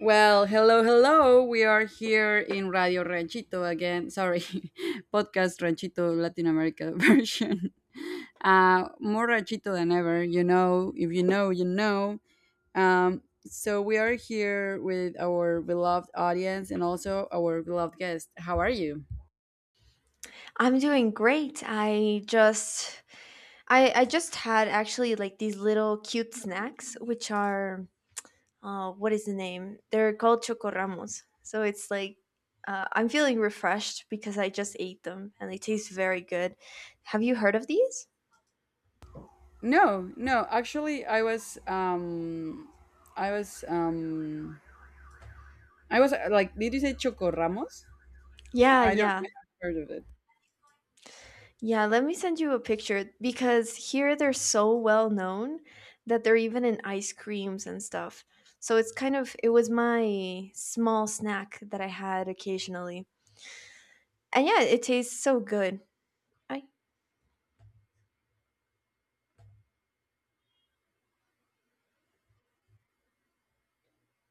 Well, hello, hello. We are here in Radio Ranchito again. Sorry, podcast Ranchito Latin America version. More Ranchito than ever. You know, if you know, you know. So we are here with our beloved audience and also our beloved guest. How are you? I'm doing great. I just had actually, like, these little cute snacks which are what is the name? They're called chocorramos. So it's like I'm feeling refreshed because I just ate them and they taste very good. Have you heard of these? No, no. Actually, I was, I was, I was like, did you say Choco Ramos? Yeah, I I don't, yeah. I haven't heard of it. Yeah, let me send you a picture because here they're so well known that they're even in ice creams and stuff. So it's kind of it was my small snack that I had occasionally. And yeah, it tastes so good. I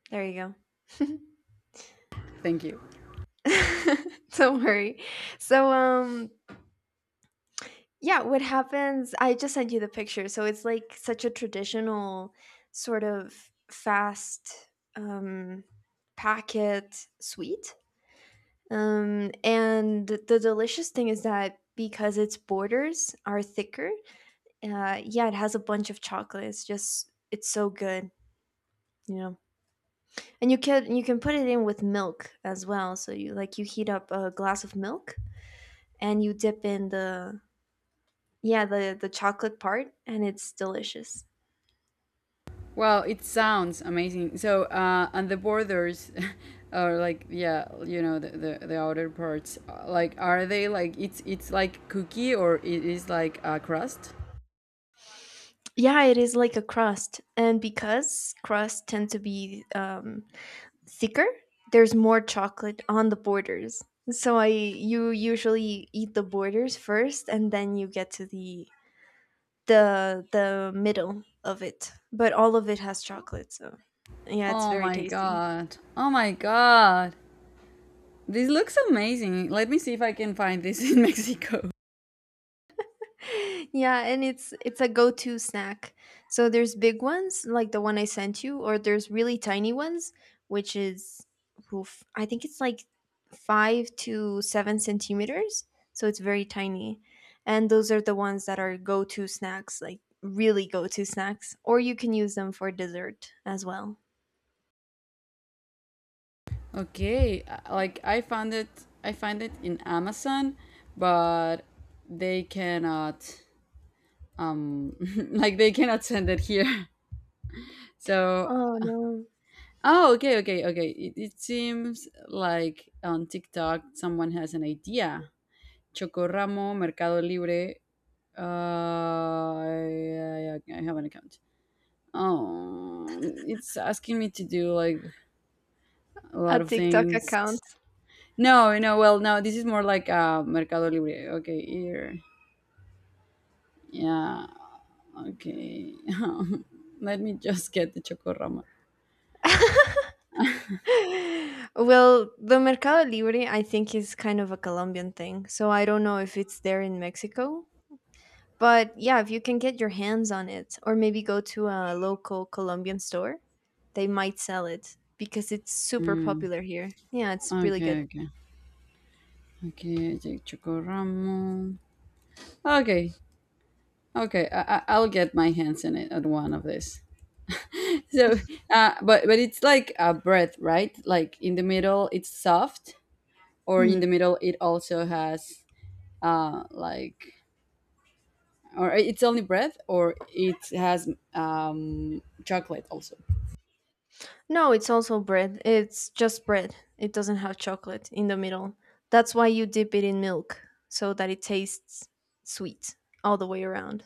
there you Thank you. go. Don't worry. So, yeah, what happens I just sent you the picture. So it's like such a traditional sort of fast um packet sweet. And the delicious thing is that because its borders are thicker, yeah, it has a bunch of chocolate. It's so good, you know. And you can put it in with milk as well. So you, like, you heat up a glass of milk and you dip in the yeah, the chocolate part and it's delicious. Well, it sounds amazing. So, and the borders, or like, yeah, you know, the outer parts, like, are they like, it's like cookie or it is like a crust? Yeah, it is like a crust. And because crusts tend to be thicker, there's more chocolate on the borders. So I you usually eat the borders first and then you get to the middle of it. But all of it has chocolate, so yeah, it's Oh very my tasty. God. Oh my God. This looks amazing. Let me see if I can find this in Mexico. Yeah, and it's a go-to snack. So there's big ones like the one I sent you, or there's really tiny ones which is I think it's like 5 to 7 centimeters. So it's very tiny, and those are the ones that are go-to snacks, like, really go-to snacks, or you can use them for dessert as well. Okay, like I find it in Amazon, but they cannot, um, like they cannot send it here. So Oh no. oh, okay, okay, okay. It seems like on TikTok someone has an idea. Chocorramo, Mercado Libre. Uh, I have an account. Oh, it's asking me to do like a A lot of TikTok things. account? No, no, well, no, this is more like Mercado Libre. Okay, here. Yeah, okay. Let me just get the Chocorramo. Well, the Mercado Libre, I think, is kind of a Colombian thing. So I don't know if it's there in Mexico. But yeah, if you can get your hands on it, or maybe go to a local Colombian store, they might sell it because it's super Mm. popular here. Yeah, it's really Okay, good. okay. Okay, I take Chocorramo. Okay. Okay, I will get my hands in it at one of these. So, but it's like a bread, right? Like in the middle, it's soft, or in Hmm. the middle, it also has uh like, or it's only bread, or it has chocolate also. No, it's also bread. It's just bread. It doesn't have chocolate in the middle. That's why you dip it in milk so that it tastes sweet all the way around.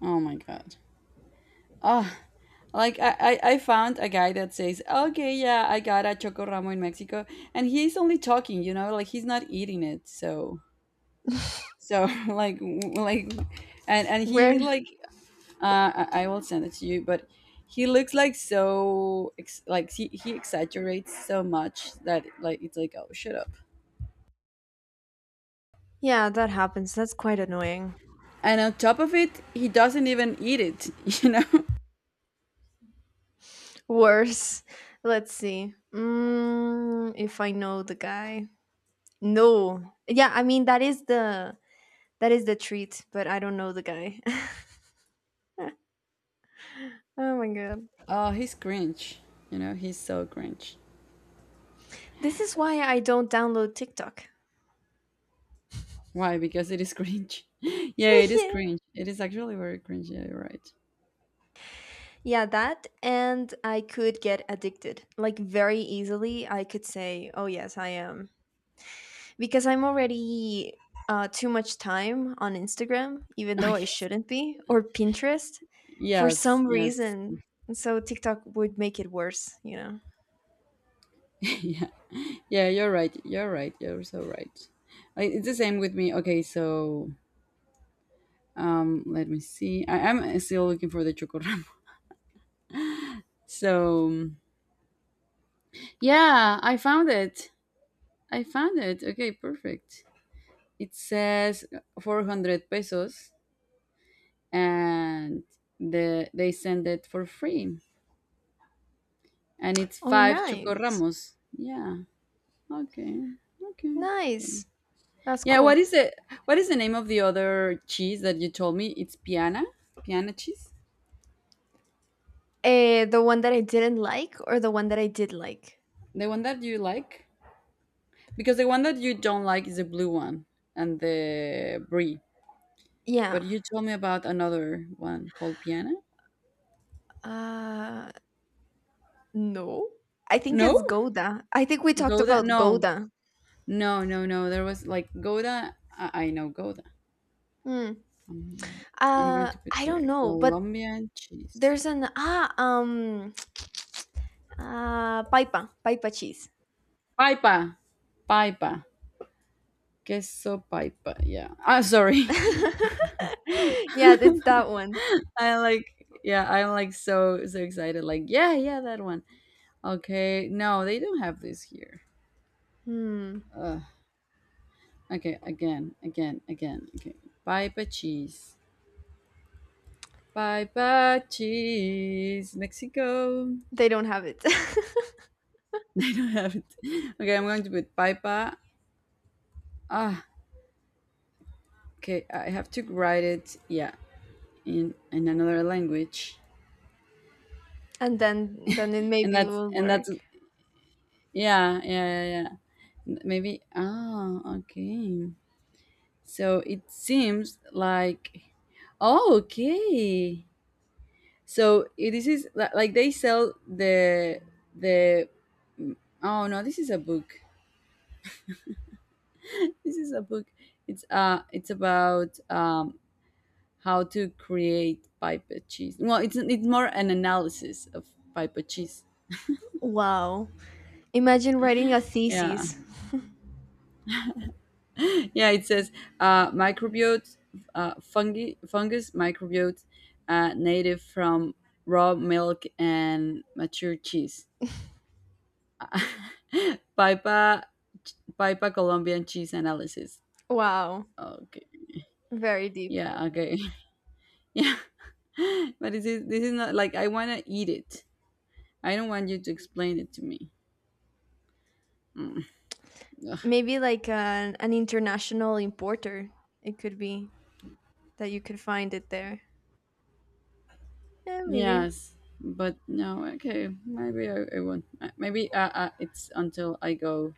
Oh my god. Ah, like I found a guy that says, okay, yeah, I got a chocoramo in Mexico, and he's only talking, you know, like he's not eating it, so. Like w- like and he Where? like I will send it to you, but he looks like so like he exaggerates so much that like it's like oh shut up. Yeah, that happens. That's quite annoying. And on top of it he doesn't even eat it, you know. Worse. Let's see. Mm, if I know the guy. No. Yeah, I mean that is the treat, but I don't know the guy. Oh my god. Oh, he's cringe, you know, he's so cringe. This is why I don't download TikTok. Why? Because it is cringe. Yeah, it is cringe, it is actually very cringe, yeah, you're right. Yeah, that, and I could get addicted. Like, very easily I could say, "Oh yes, I am because I'm already too much time on Instagram, even Oh, though I yes, shouldn't be, or Pinterest for yes, some yes. reason. And so TikTok would make it worse, you know? Yeah. Yeah, you're right. You're right. You're so right. I, it's the same with me. Okay, so let me see. I am still looking for the chocoramo. So yeah, I found it. I found it. Okay, perfect. It says 400 pesos, and they send it for free, and it's Oh, five nice. chocoramos. Yeah. Okay. Okay. Okay. Nice. That's Yeah. Cool. What is the name of the other cheese that you told me? It's piana. Piana cheese. The one that I didn't like or the one that I did like? The one that you like? Because the one that you don't like is the blue one and the brie. But Yeah. you told me about another one called Piana? Uh, no. I think No? it's Goda. I think we talked Gouda? about No. Goda. No, no, no. There was like Gouda. I know Gouda. Hmm. I'm going to put I don't here know, but Colombian cheese. there's an Paipa, Paipa cheese. Paipa. Paipa. Queso paipa. Yeah. Ah, sorry. Yeah, it's that one. I like, yeah, I'm like so, so excited. Like, yeah, yeah, that one. Okay. No, they don't have this here. Hmm. Okay, again, again, again. Okay. Bye bye cheese. Bye bye cheese. Mexico. They don't have it. I don't have it. Okay, I'm going to put bye ah, okay. I have to write it. Yeah, in another language. And then it And maybe that's will and that's work. yeah yeah yeah yeah. Maybe ah okay. So it seems like oh okay. So this is like they sell the oh no, this is a book. This is a book. It's about how to create pipe cheese. Well, it's more an analysis of pipe cheese. Wow. Imagine writing a Yeah. thesis. Yeah, it says microbiote, fungi fungus microbiote, native from raw milk and mature cheese. Pipa Pipa Colombian cheese analysis. Wow. Okay. Very deep. Yeah, okay. Yeah. But this is not like I want to eat it. I don't want you to explain it to me. Mm. Ugh. Maybe like an international importer. It could be that you could find it there. Yeah, maybe. Yes, but no. Okay, maybe I won't. Maybe it's until I go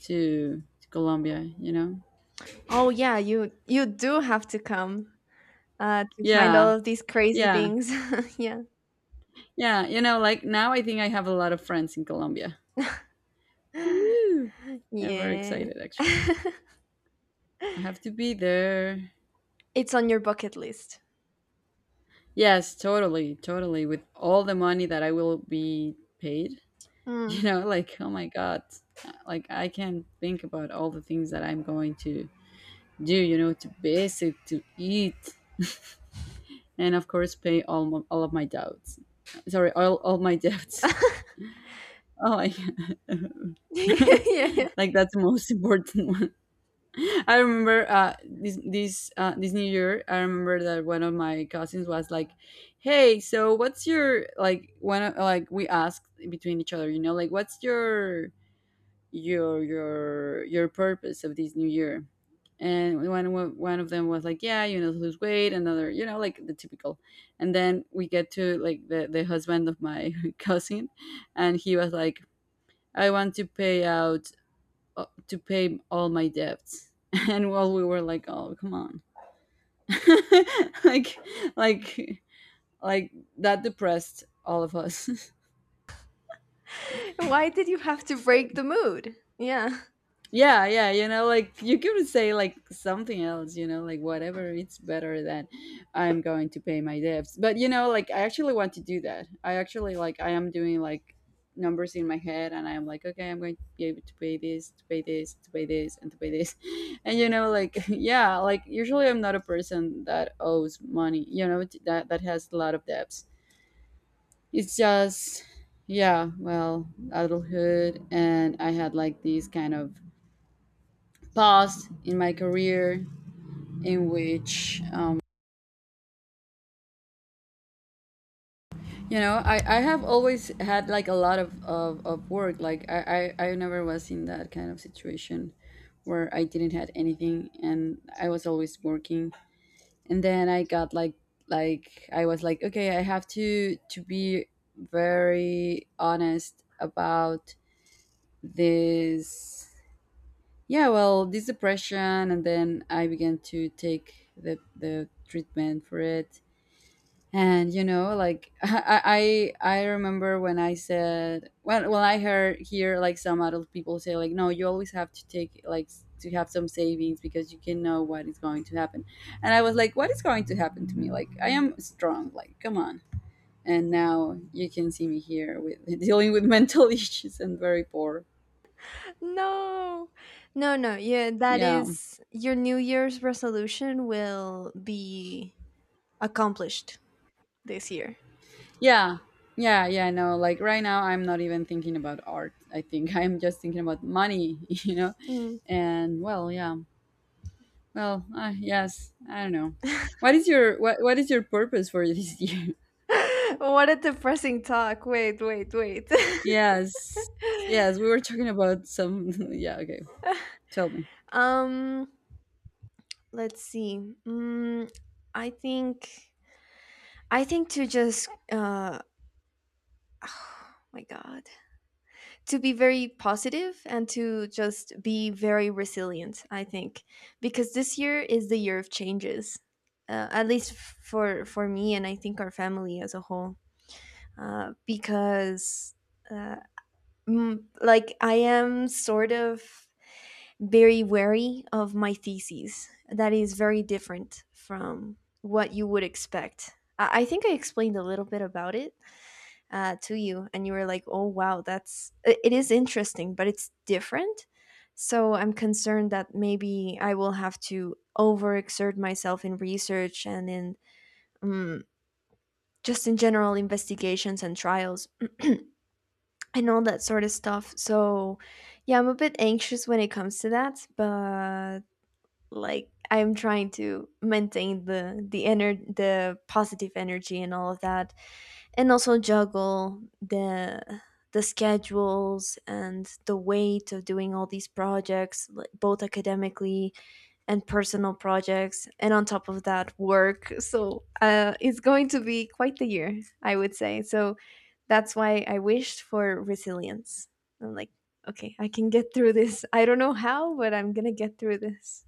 to Colombia. You know. Oh yeah, you do have to come to find all Yeah, of these crazy yeah, things. Yeah. yeah. You know, like now I think I have a lot of friends in Colombia. Woo! I'm very Yeah. excited actually. I have to be there. It's on your bucket list. Yes, totally, totally. With all the money that I will be paid, you Hmm. know, like oh my god, like I can not think about all the things that I'm going to do, you know, to basic, to eat and of course pay all of my doubts, sorry, all my debts. Oh my god. Yeah, yeah. Like that's the most important one. I remember this new year, I remember that one of my cousins was like, hey, so what's your, like like we asked between each other, you know, like what's your purpose of this new year. And one of them was like, yeah, you know, lose weight, another, you know, like the typical. And then we get to like the husband of my cousin, and he was like I want to pay out, to pay all my debts. And while we were like, oh come on. like like like that depressed all of us. Why did you have to break the mood? Yeah. Yeah, yeah, you know, like you could say like something else, you know, like whatever, it's better than I'm going to pay my debts. But you know, like I actually want to do that. I actually like I am doing like numbers in my head and I'm like, okay, I'm going to be able to pay this, to pay this, to pay this, and to pay this. And you know, like yeah, like usually I'm not a person that owes money, you know, that has a lot of debts. It's just yeah, well, adulthood, and I had like these kind of past in my career in which you know I have always had like a lot of work, like I never was in that kind of situation where I didn't had anything and I was always working. And then I got like I was like, okay, I have to be very honest about this. Yeah, well, this depression. And then I began to take the treatment for it. And you know, like I remember when I said, well, well, I heard hear like some adult people say like, no, you always have to take like to have some savings because you can know what is going to happen. And I was like, what is going to happen to me, like I am strong, like come on. And now you can see me here with dealing with mental issues and very poor. No. No, no. Yeah, that Yeah is your New Year's resolution will be accomplished this year. yeah yeah yeah. No, like right now I'm not even thinking about art, I think. I'm just thinking about money. You know. Mm. And well yeah. Well, yes, I don't know. What is your purpose for this year? What a depressing talk. Wait, wait, wait. Yes. Yes, we were talking about some yeah, okay. Tell me. um, let's see. Mm, I think to just oh my god. To be very positive and to just be very resilient, I think, because this year is the year of changes, at least for me and I think our family as a whole. uh, because uh, like, I am sort of very wary of my thesis. That is very different from what you would expect. I think I explained a little bit about it to you and you were like, oh wow, that's it is interesting, but it's different. So I'm concerned that maybe I will have to overexert myself in research and in um, just in general investigations and trials and all that sort of stuff. So yeah, I'm a bit anxious when it comes to that, but, like, I'm trying to maintain the the positive energy and all of that, and also juggle the schedules and the weight of doing all these projects, like, both academically and personal projects, and on top of that work. So it's going to be quite the year, I would say. So that's why I wished for resilience. I'm like, okay, I can get through this. I don't know how, but I'm gonna get through this.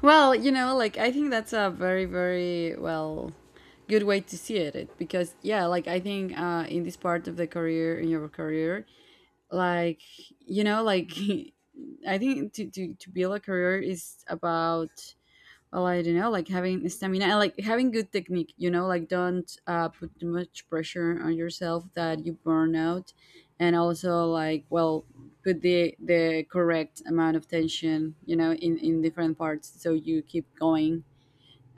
Well, you know, like I think that's a very very good way to see it, because yeah, like I think in this part of the career in your career, like you know, like I think to build a career is about, well I don't know, like having stamina and like having good technique, you know, like don't put too much pressure on yourself that you burn out. And also like, well, put the correct amount of tension, you know, in different parts so you keep going.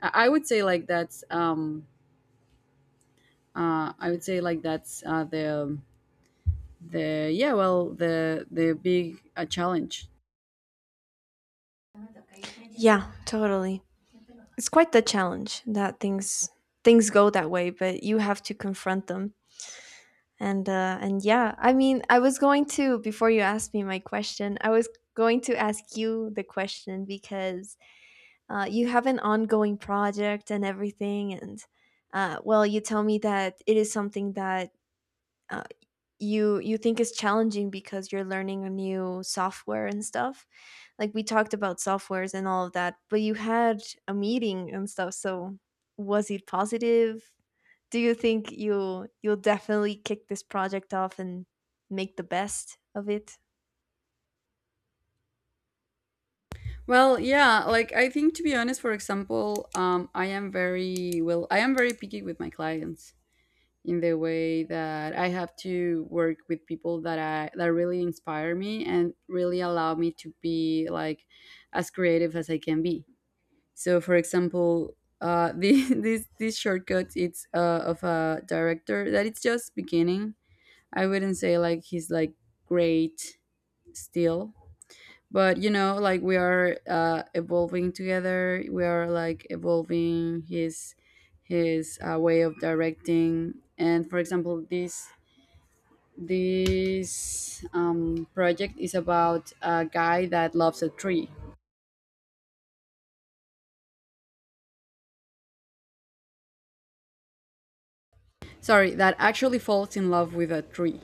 i, I would say like that's um I would say like that's the yeah, well, the big challenge. Yeah, totally. It's quite the challenge that things go that way, but you have to confront them. And and yeah, I mean, I was going to before you asked me my question, I was going to ask you the question because you have an ongoing project and everything, and well, you tell me that it is something that, uh, you you think is challenging because you're learning a new software and stuff. Like, we talked about softwares and all of that, but you had a meeting and stuff. So was it positive? Do you think you'll definitely kick this project off and make the best of it? Well, yeah, like I think to be honest, for example, I am very I am very picky with my clients in the way that I have to work with people that I that really inspire me and really allow me to be like as creative as I can be. So, for example, this shortcut it's, of a director that it's just beginning. I wouldn't say like he's like great still, but you know like we are evolving together. We are like evolving his his way of directing. And for example, this project is about a guy that loves a tree, sorry, that actually falls in love with a tree.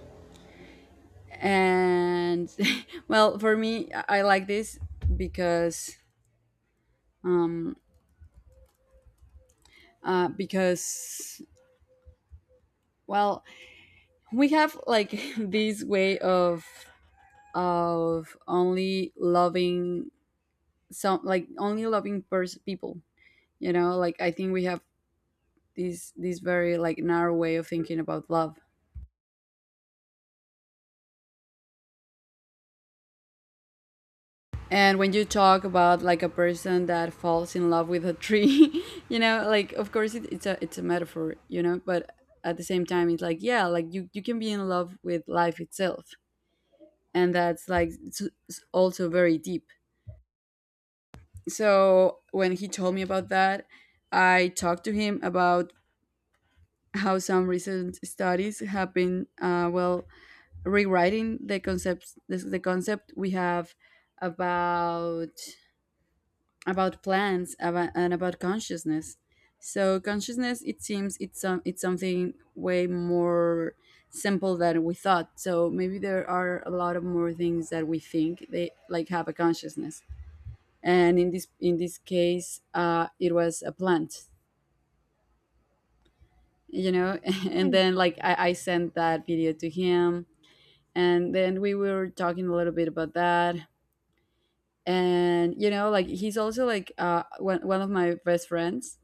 And well, for me, I like this because um because, well, we have like this way of only loving some, like only loving people. You know, like I think we have this very like narrow way of thinking about love. And when you talk about like a person that falls in love with a tree, you know, like of course it's a it's a metaphor, you know, but at the same time it's like, yeah, like you can be in love with life itself. And that's like it's also very deep. So when he told me about that, I talked to him about how some recent studies have been, well, rewriting the concepts, the concept we have about plants, about consciousness. So consciousness, it seems it's some it's something way more simple than we thought, so maybe there are a lot of more things that we think they like have a consciousness. And in this case, it was a plant, you know. And Hmm. then like I sent that video to him, and then we were talking a little bit about that. And you know, like he's also like one of my best friends.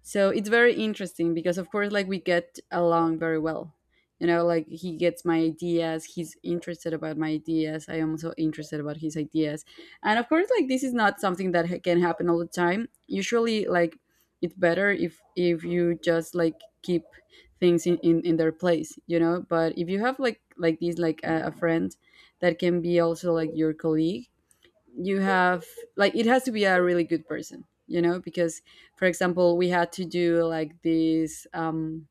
So it's very interesting because of course, like, we get along very well. You know, like he gets my ideas, he's interested about my ideas, I am also interested about his ideas. And of course, like, this is not something that can happen all the time. Usually, like, it's better if you just like keep things in their place, you know. But if you have like this like a friend that can be also like your colleague, you have, like, it has to be a really good person, you know, because for example, we had to do like this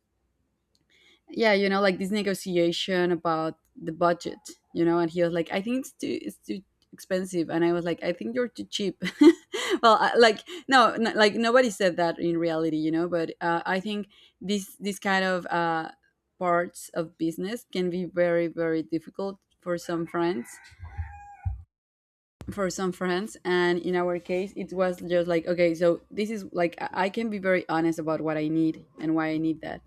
yeah, you know, like this negotiation about the budget. You know, and he was like, I think it's too expensive, and I was like, I think you're too cheap. Well, I, like no, like nobody said that in reality, you know, but I think this kind of parts of business can be very, very difficult for some friends, and in our case it was just like, okay, so this is like, I can be very honest about what I need and why I need that.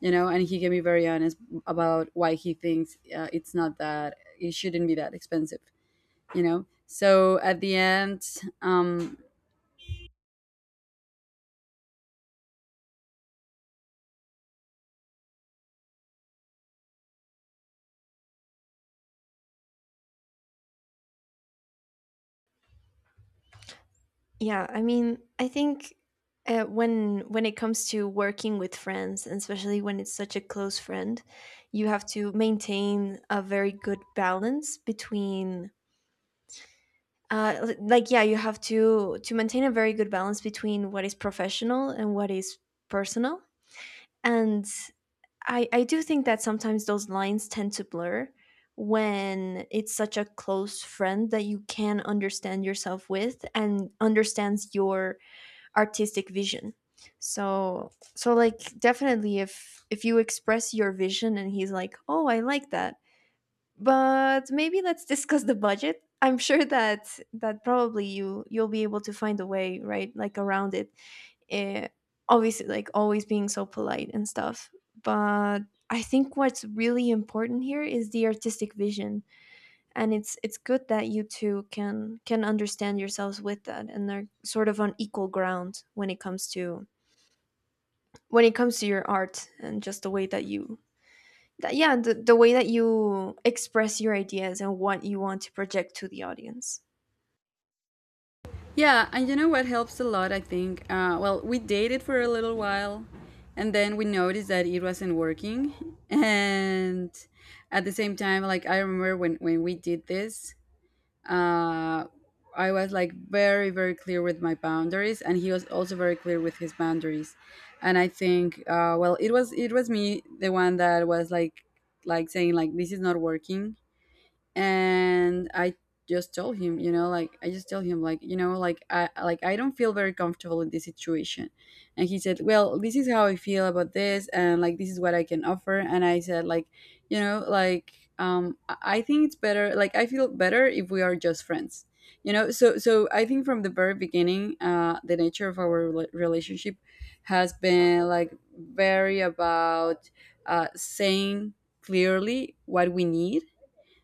You know, and he can be very honest about why he thinks, it's not that, it shouldn't be that expensive. You know, so at the end, um Yeah, I mean, I think when it comes to working with friends, and especially when it's such a close friend, you have to maintain a very good balance between. Like, yeah, you have to maintain a very good balance between what is professional and what is personal, and I do think that sometimes those lines tend to blur when it's such a close friend that you can understand yourself with and understands your artistic vision. So so, like, definitely if you express your vision and he's like, oh, I like that, but maybe let's discuss the budget, I'm sure that that probably you'll be able to find a way, right, like, around it. eh, obviously, like, always being so polite and stuff. But I think what's really important here is the artistic vision, and it's good that you two can understand yourselves with that, and they are sort of on equal ground when it comes to when it comes to your art and just the way that you that, yeah, the way that you express your ideas and what you want to project to the audience. yeah. And you know what helps a lot, I think, well, we dated for a little while, and then we noticed that it wasn't working. And at the same time, like, I remember when we did this, uh, I was like very, very clear with my boundaries, and he was also very clear with his boundaries. And I think, well, it was me, the one that was like saying like this is not working. And I just told him, you know, like I just told him, like, you know, like I don't feel very comfortable in this situation. And he said, well, this is how I feel about this, and like this is what I can offer. And I said, like, you know, like, I think it's better, like I feel better if we are just friends, you know. So so I think from the very beginning, the nature of our relationship has been like very about, saying clearly what we need.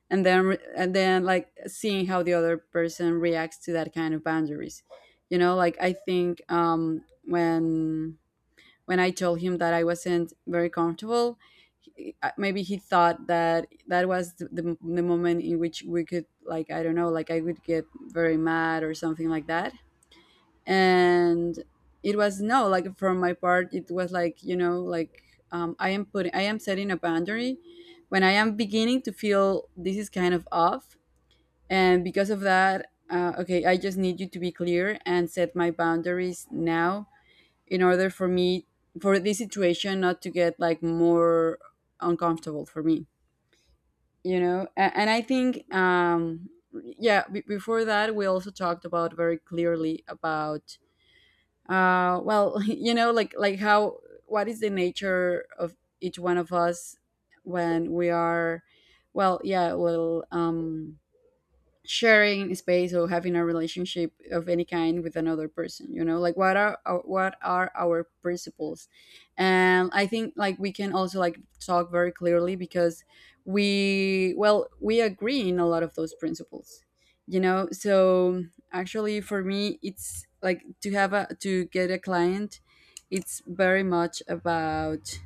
And then like seeing how the other person reacts to that kind of boundaries. You know, like I think, when I told him that I wasn't very comfortable, he, maybe he thought that that was the moment in which we could, like, I don't know, like I would get very mad or something like that. And it was no, like, from my part, it was like, you know, like, I am putting, I am setting a boundary when I am beginning to feel this is kind of off. And because of that, okay, I just need you to be clear and set my boundaries now, in order for me, for this situation not to get like more uncomfortable for me, you know? And I think, yeah, before that, we also talked about very clearly about, well, you know, like how, what is the nature of each one of us when we are, well, yeah, well, sharing space or having a relationship of any kind with another person. You know, like what are our principles. And I think like we can also like talk very clearly because we, well, we agree in a lot of those principles, you know. So actually for me, it's like to have a, to get a client, it's very much about,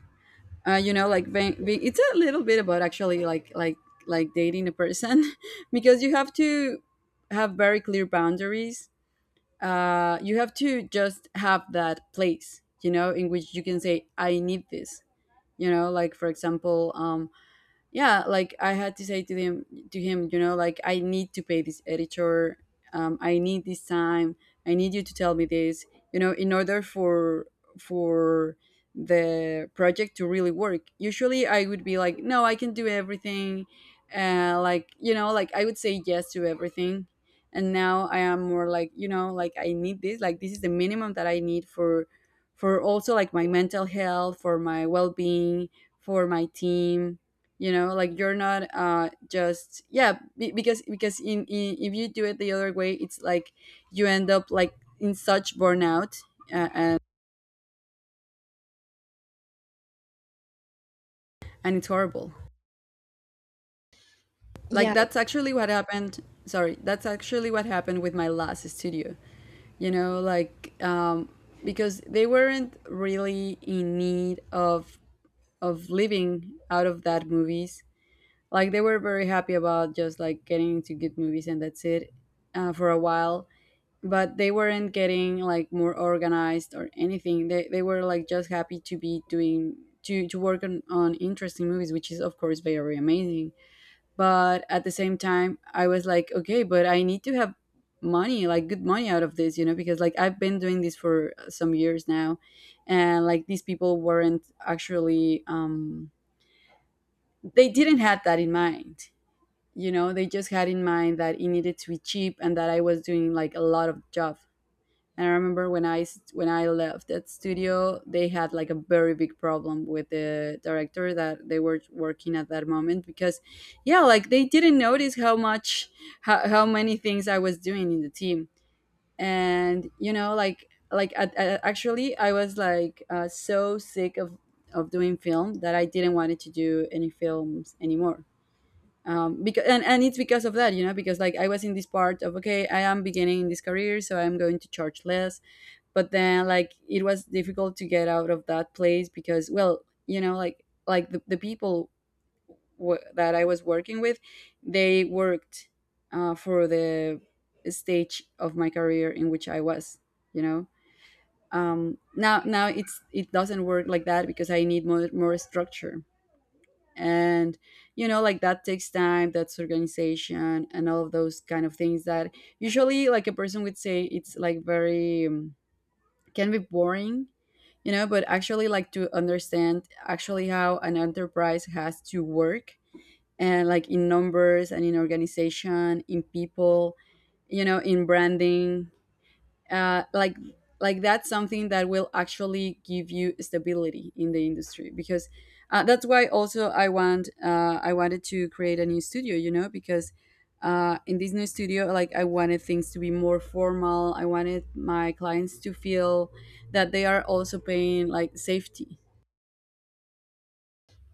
you know, like being, being, it's a little bit about actually like like dating a person, because you have to have very clear boundaries. You have to just have that place, you know, in which you can say, I need this. You know, like for example, yeah, like I had to say to him, you know, like I need to pay this editor, I need this time, I need you to tell me this, you know, in order for for the project to really work. Usually I would be like, no, I can do everything. Like, you know, like I would say yes to everything. And now I am more like, you know, like I need this, like this is the minimum that I need for also like my mental health, for my well-being, for my team. You know, like you're not just, yeah, because in if you do it the other way, it's like you end up like in such burnout. And and it's horrible. Like, Yeah. that's actually what happened, sorry, that's actually what happened with my last studio. You know, like, because they weren't really in need of living out of that movies. Like they were very happy about just like getting into good movies, and that's it, for a while. But they weren't getting like more organized or anything. They were like just happy to be doing, to work on interesting movies, which is of course very amazing. But at the same time, I was like, okay, but I need to have money, like good money out of this, you know, because like I've been doing this for some years now. And like these people weren't actually, they didn't have that in mind. You know, they just had in mind that it needed to be cheap, and that I was doing like a lot of job. And I remember when when I left that studio, they had like a very big problem with the director that they were working at that moment because, yeah, like they didn't notice how much, how many things I was doing in the team. And you know, like at, actually I was like, so sick of doing film that I didn't wanted to do any films anymore. Because, and it's because of that, you know, because like I was in this part of, okay, I am beginning in this career, so I'm going to charge less. But then like it was difficult to get out of that place because, well, you know, like the people that I was working with, they worked, for the stage of my career in which I was, you know. Now now it's it doesn't work like that, because I need more, more structure. And you know, like that takes time, that's organization, and all of those kind of things that usually like a person would say, it's like very, can be boring, you know. But actually, like, to understand actually how an enterprise has to work, and like in numbers and in organization, in people, you know, in branding, uh, like like that's something that will actually give you stability in the industry. Because, that's why also I want, I wanted to create a new studio, you know, because, in this new studio, like, I wanted things to be more formal. I wanted my clients to feel that they are also paying like safety,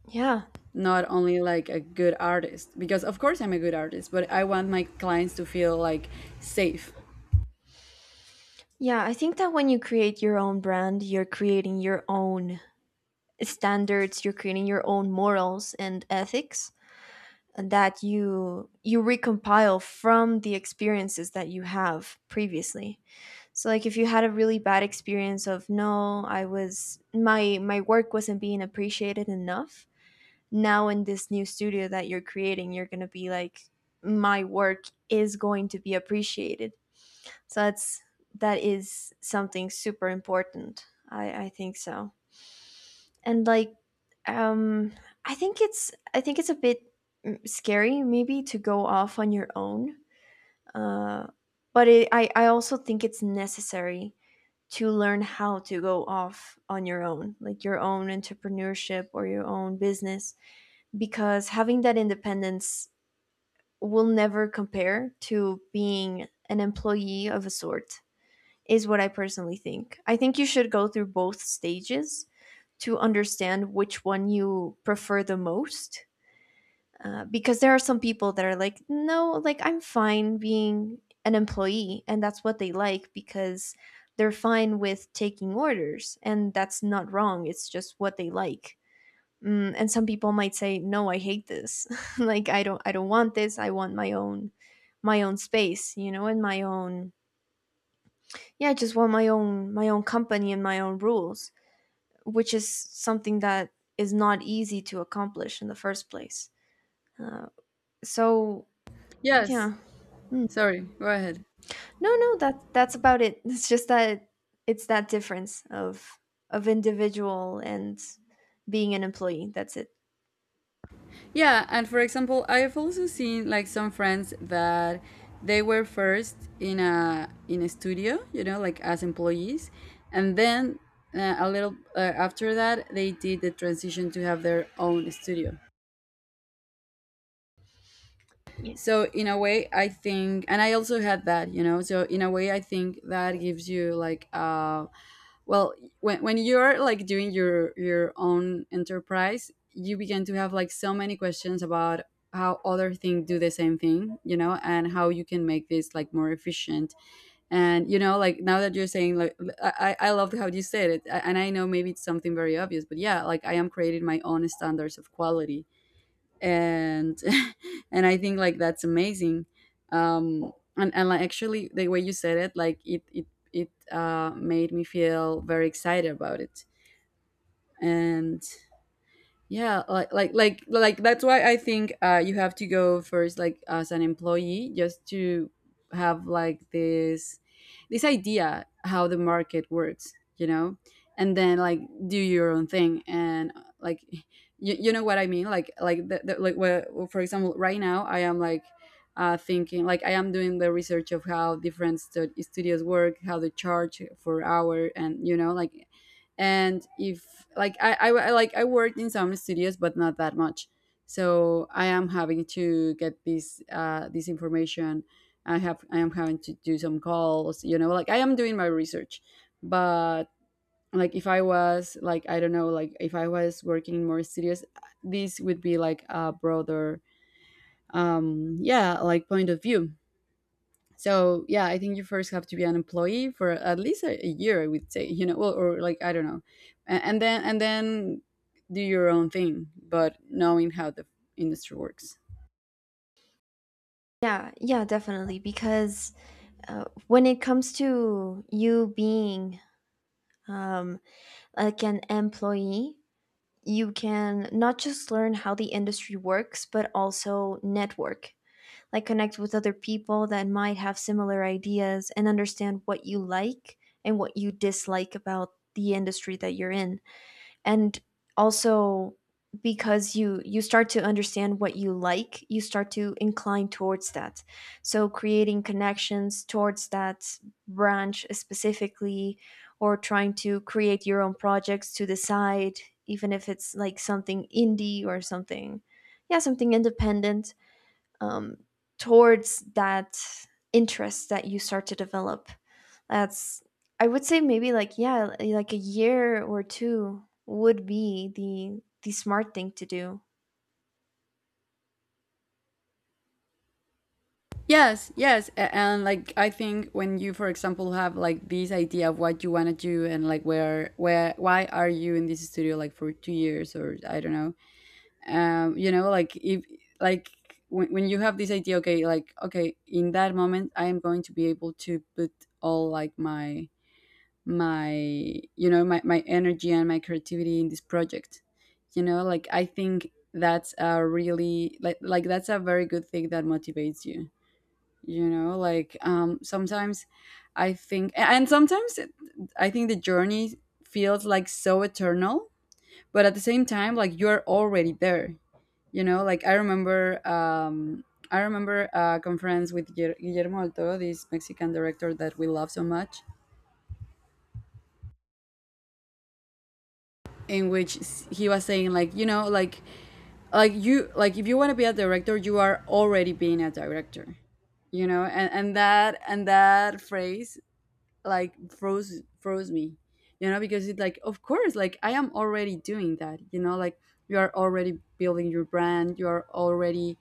Yeah. not only like a good artist. Because of course I'm a good artist, but I want my clients to feel like safe. Yeah, I think that when you create your own brand, you're creating your own standards, you're creating your own morals and ethics that you recompile from the experiences that you have previously. So like, if you had a really bad experience of, no, I was my my work wasn't being appreciated enough, now in this new studio that you're creating, you're going to be like, my work is going to be appreciated. So that's that is something super important, I think so. And like, um I think it's I think it's a bit, mm, scary maybe to go off on your own. uh but it, I also think it's necessary to learn how to go off on your own, like, your own entrepreneurship or your own business, because having that independence will never compare to being an employee of a sort, is what I personally think. I think you should go through both stages to understand which one you prefer the most. Because there are some people that are like, no, like, I'm fine being an employee, and that's what they like because they're fine with taking orders, and that's not wrong. It's just what they like. Mm, and some people might say, no, I hate this. Like, I don't want this. I want my own space, you know, and my own, yeah, I just want my own company and my own rules, which is something that is not easy to accomplish in the first place. Uh, so Yes. yeah, Mm. Sorry, go ahead. No, no, that that's about it. It's just that it's that difference of individual and being an employee. That's it. Yeah, and for example, I've also seen like some friends that they were first in a studio, you know, like as employees, and then, a little after that they did the transition to have their own studio. Y- So in a way, I think, and I also had that, you know. So in a way, I think that gives you like a, well, when you're like doing your own enterprise, you begin to have like so many questions about how other things do the same thing, you know, and how you can make this like more efficient. And you know, like, now that you're saying like, I loved how you said it, and I know maybe it's something very obvious, but yeah, like, I am creating my own standards of quality. And and I think like that's amazing. And like, actually, the way you said it, like it made me feel very excited about it. And yeah, like that's why I think you have to go first, like, as an employee, just to have like this idea how the market works, you know. And then, like, do your own thing. And like, you know what I mean, like the where, for example, right now I am like, thinking like I am doing the research of how different studios work, how they charge for hour, and you know, like, and if like I like I worked in some studios, but not that much, so I am having to get this this information. I am having to do some calls, you know, like I am doing my research. But like, if I was like, I don't know, like if I was working in more studios, this would be like a broader, um, yeah, like, point of view. So yeah, I think you first have to be an employee for at least a year, I would say, you know, well, or like I don't know, and then do your own thing, but knowing how the industry works. Yeah, yeah, definitely. Because, when it comes to you being um, like, an employee, you can not just learn how the industry works, but also network, like, connect with other people that might have similar ideas and understand what you like and what you dislike about the industry that you're in. And also, because you start to understand what you like, you start to incline towards that. So creating connections towards that branch specifically, or trying to create your own projects to the side, even if it's like something indie or something, yeah, something independent, um, towards that interest that you start to develop, that's, I would say maybe like, yeah, like a year or 2 would be the smart thing to do. Yes, yes, and like, I think when you, for example, have like this idea of what you want to do and like where why are you in this studio like for 2 years, or I don't know, you know, like, if, like, when you have this idea, okay, like, okay, in that moment I am going to be able to put all, like, my, you know, my energy and my creativity in this project, you know, like, I think that's a really like that's a very good thing that motivates you. You know, like, um, sometimes I think, and sometimes I think the journey feels like so eternal, but at the same time, like, you're already there. You know, like, I remember, um, I remember a conference with Guillermo del Toro, this Mexican director that we love so much, in which he was saying like, you know, like you, like, if you want to be a director, you are already being a director. You know, and that phrase like froze me. You know, because it, like, of course, like, I am already doing that, you know, like, you are already building your brand, you are already,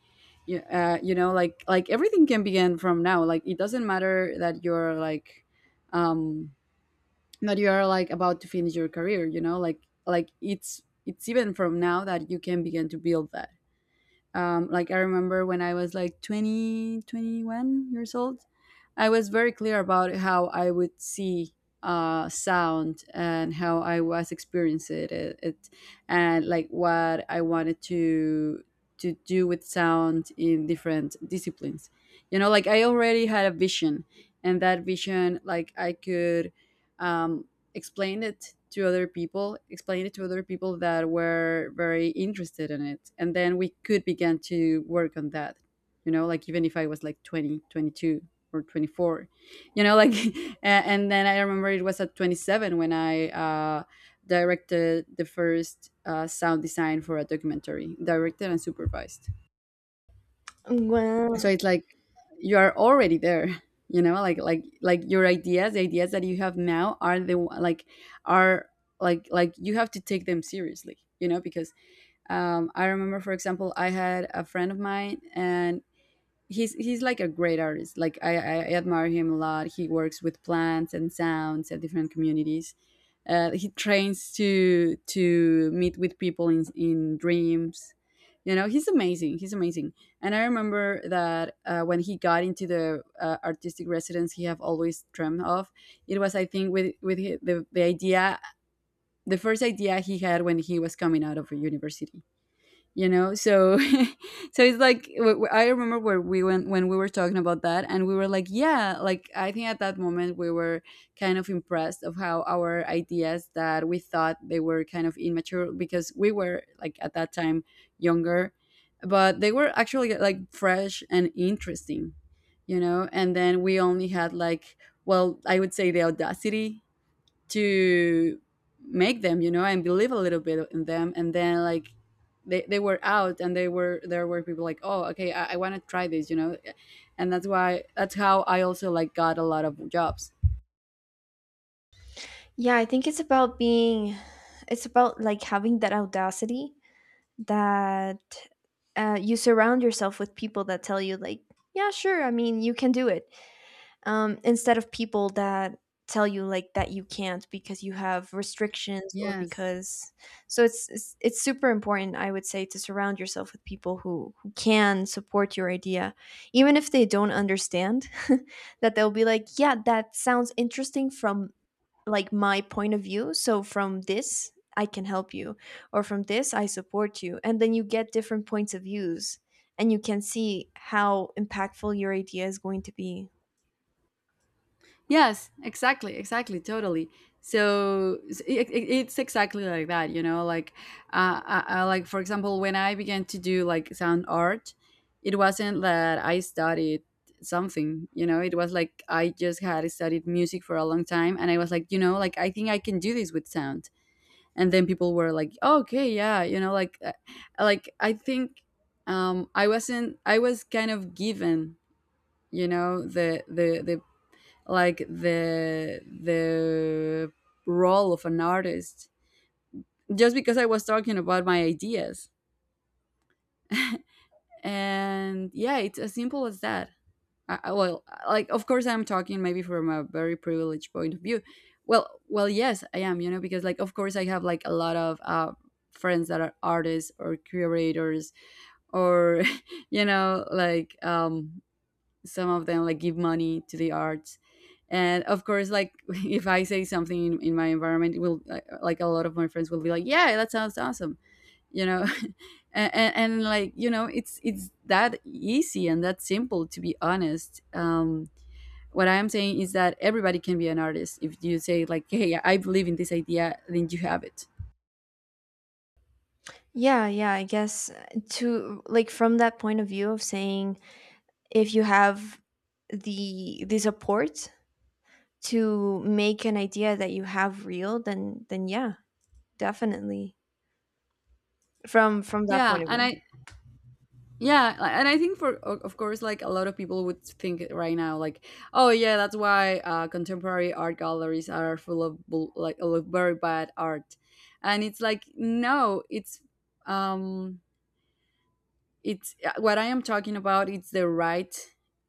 you know like everything can begin from now, like, it doesn't matter that you're like, um, that you are like about to finish your career, you know, like it's even from now that you can begin to build that. Um, like, I remember when I was like 20, 21 years old. I was very clear about how I would see, sound, and how I was experiencing it, it, and like, what I wanted to do with sound in different disciplines. You know, like, I already had a vision, and that vision, like, I could, um, explained it to other people that were very interested in it. And then we could begin to work on that, you know, like, even if I was like 20, 22, or 24, you know, like, and then I remember it was at 27 when I, directed the first, sound design for a documentary, directed and supervised. So Well, it's like, you are already there, you know, like, like your ideas, the ideas that you have now are the one- like are, like, you have to take them seriously, you know, because, I remember, for example, I had a friend of mine, and he's like a great artist. Like, I admire him a lot. He works with plants and sounds and different communities. He trains to meet with people in dreams. You know, he's amazing. He's amazing. And I remember that, when he got into the, artistic residence, he have always dreamed of, it was, I think, with the idea, the first idea he had when he was coming out of a university, you know. So so it's like, I remember where we went when we were talking about that, and we were like, yeah, like, I think at that moment we were kind of impressed of how our ideas that we thought they were kind of immature, because we were like, at that time, younger, but they were actually like fresh and interesting. You know, and then we only had like, well, I would say the audacity to make them, you know, and believe a little bit in them. And then, like, they were out, and they were there were people like, oh, okay, I want to try this, you know. And that's why, that's how I also like got a lot of jobs. yeah, I think it's about being, it's about like, having that audacity that, you surround yourself with people that tell you like, yeah, sure, I mean, you can do it. Instead of people that tell you like that you can't because you have restrictions or Yes. because, so it's it's super important, I would say, to surround yourself with people who can support your idea, even if they don't understand, that they'll be like, yeah, that sounds interesting from, like, my point of view, so from this I can help you, or from this I support you, and then you get different points of views, and you can see how impactful your idea is going to be. Yes, exactly, exactly, totally. So it, it's exactly like that, you know. Like, I, like, for example, when I began to do like sound art, it wasn't that I studied something, you know. It was like I just had studied music for a long time, and I was like, you know, like, I think I can do this with sound. And then people were like, "Oh, okay, yeah, you know, like I think, I wasn't, I was kind of given, you know, the like the role of an artist, just because I was talking about my ideas." And yeah, it's as simple as that. Well, like, of course, I'm talking maybe from a very privileged point of view. Well, well, yes, I am. You know, because, like, of course I have like a lot of, friends that are artists or curators, or you know, like, um, some of them like give money to the arts. And of course, like, if I say something in my environment, it will like a lot of my friends will be like, yeah, that sounds awesome, you know. And like, you know, it's that easy and that simple, to be honest. Um, what I am saying is that everybody can be an artist. If you say like, hey, I believe in this idea, then you have it. Yeah, yeah, I guess to, like, from that point of view of saying, if you have the support to make an idea that you have real, then yeah, definitely. From that Yeah, point of and view. I, yeah, and I think, for of course, like, a lot of people would think right now, like, oh yeah, that's why, contemporary art galleries are full of like a lot of very bad art. And it's like, no, it's, um, it's, what I am talking about. It's the right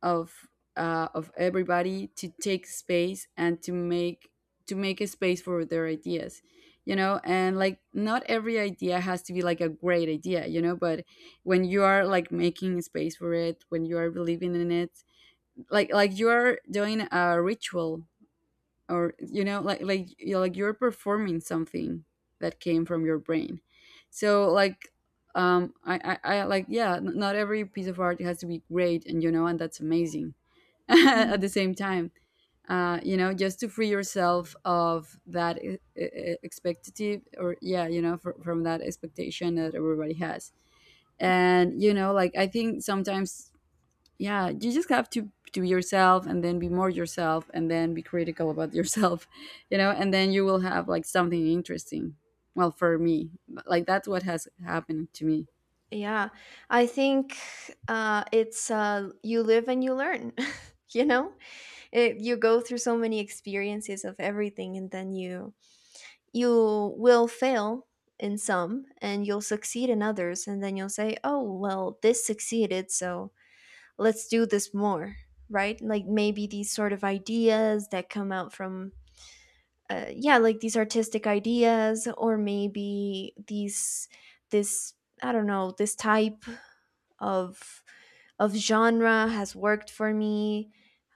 of, of everybody to take space and to make, to make a space for their ideas, you know. And like, not every idea has to be like a great idea, you know. But when you are like making space for it, when you are believing in it, like you are doing a ritual, or you know, like, like you're performing something that came from your brain. So like, um, I like, yeah, not every piece of art has to be great, and you know, and that's amazing, at Mm. the same time. Uh, you know, just to free yourself of that expectative, or yeah, you know, from that expectation that everybody has. And you know, like, I think sometimes, yeah, you just have to be yourself, and then be more yourself, and then be critical about yourself. You know, and then you will have like something interesting. Well, for me, like, that's what has happened to me. Yeah. I think it's you live and you learn. You know, it, you go through so many experiences of everything, and then you will fail in some and you'll succeed in others, and then you'll say, oh well, this succeeded, so let's do this more, right? Like, maybe these sort of ideas that come out from, yeah, like, these artistic ideas, or maybe these this I don't know, this type of of genre has worked for me.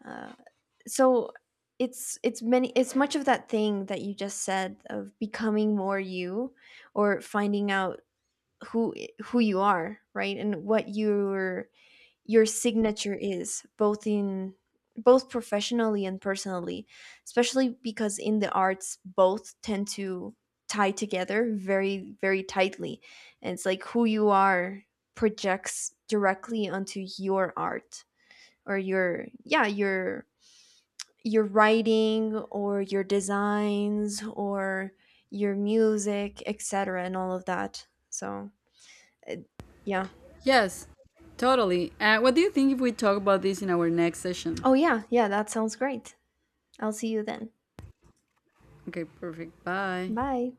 uh, so it's many it's much of that thing that you just said, of becoming more you, or finding out who who you are, right? And what your signature is, both in, both professionally and personally, especially because in the arts both tend to tie together very, very tightly. And it's like who you are projects directly onto your art, or your, yeah, your writing or your designs or your music, etc., and all of that. So, uh, yeah. Yes, totally. Uh, what do you think if we talk about this in our next session? Oh, yeah. Yeah, that sounds great. I'll see you then. Okay, perfect, bye. Bye.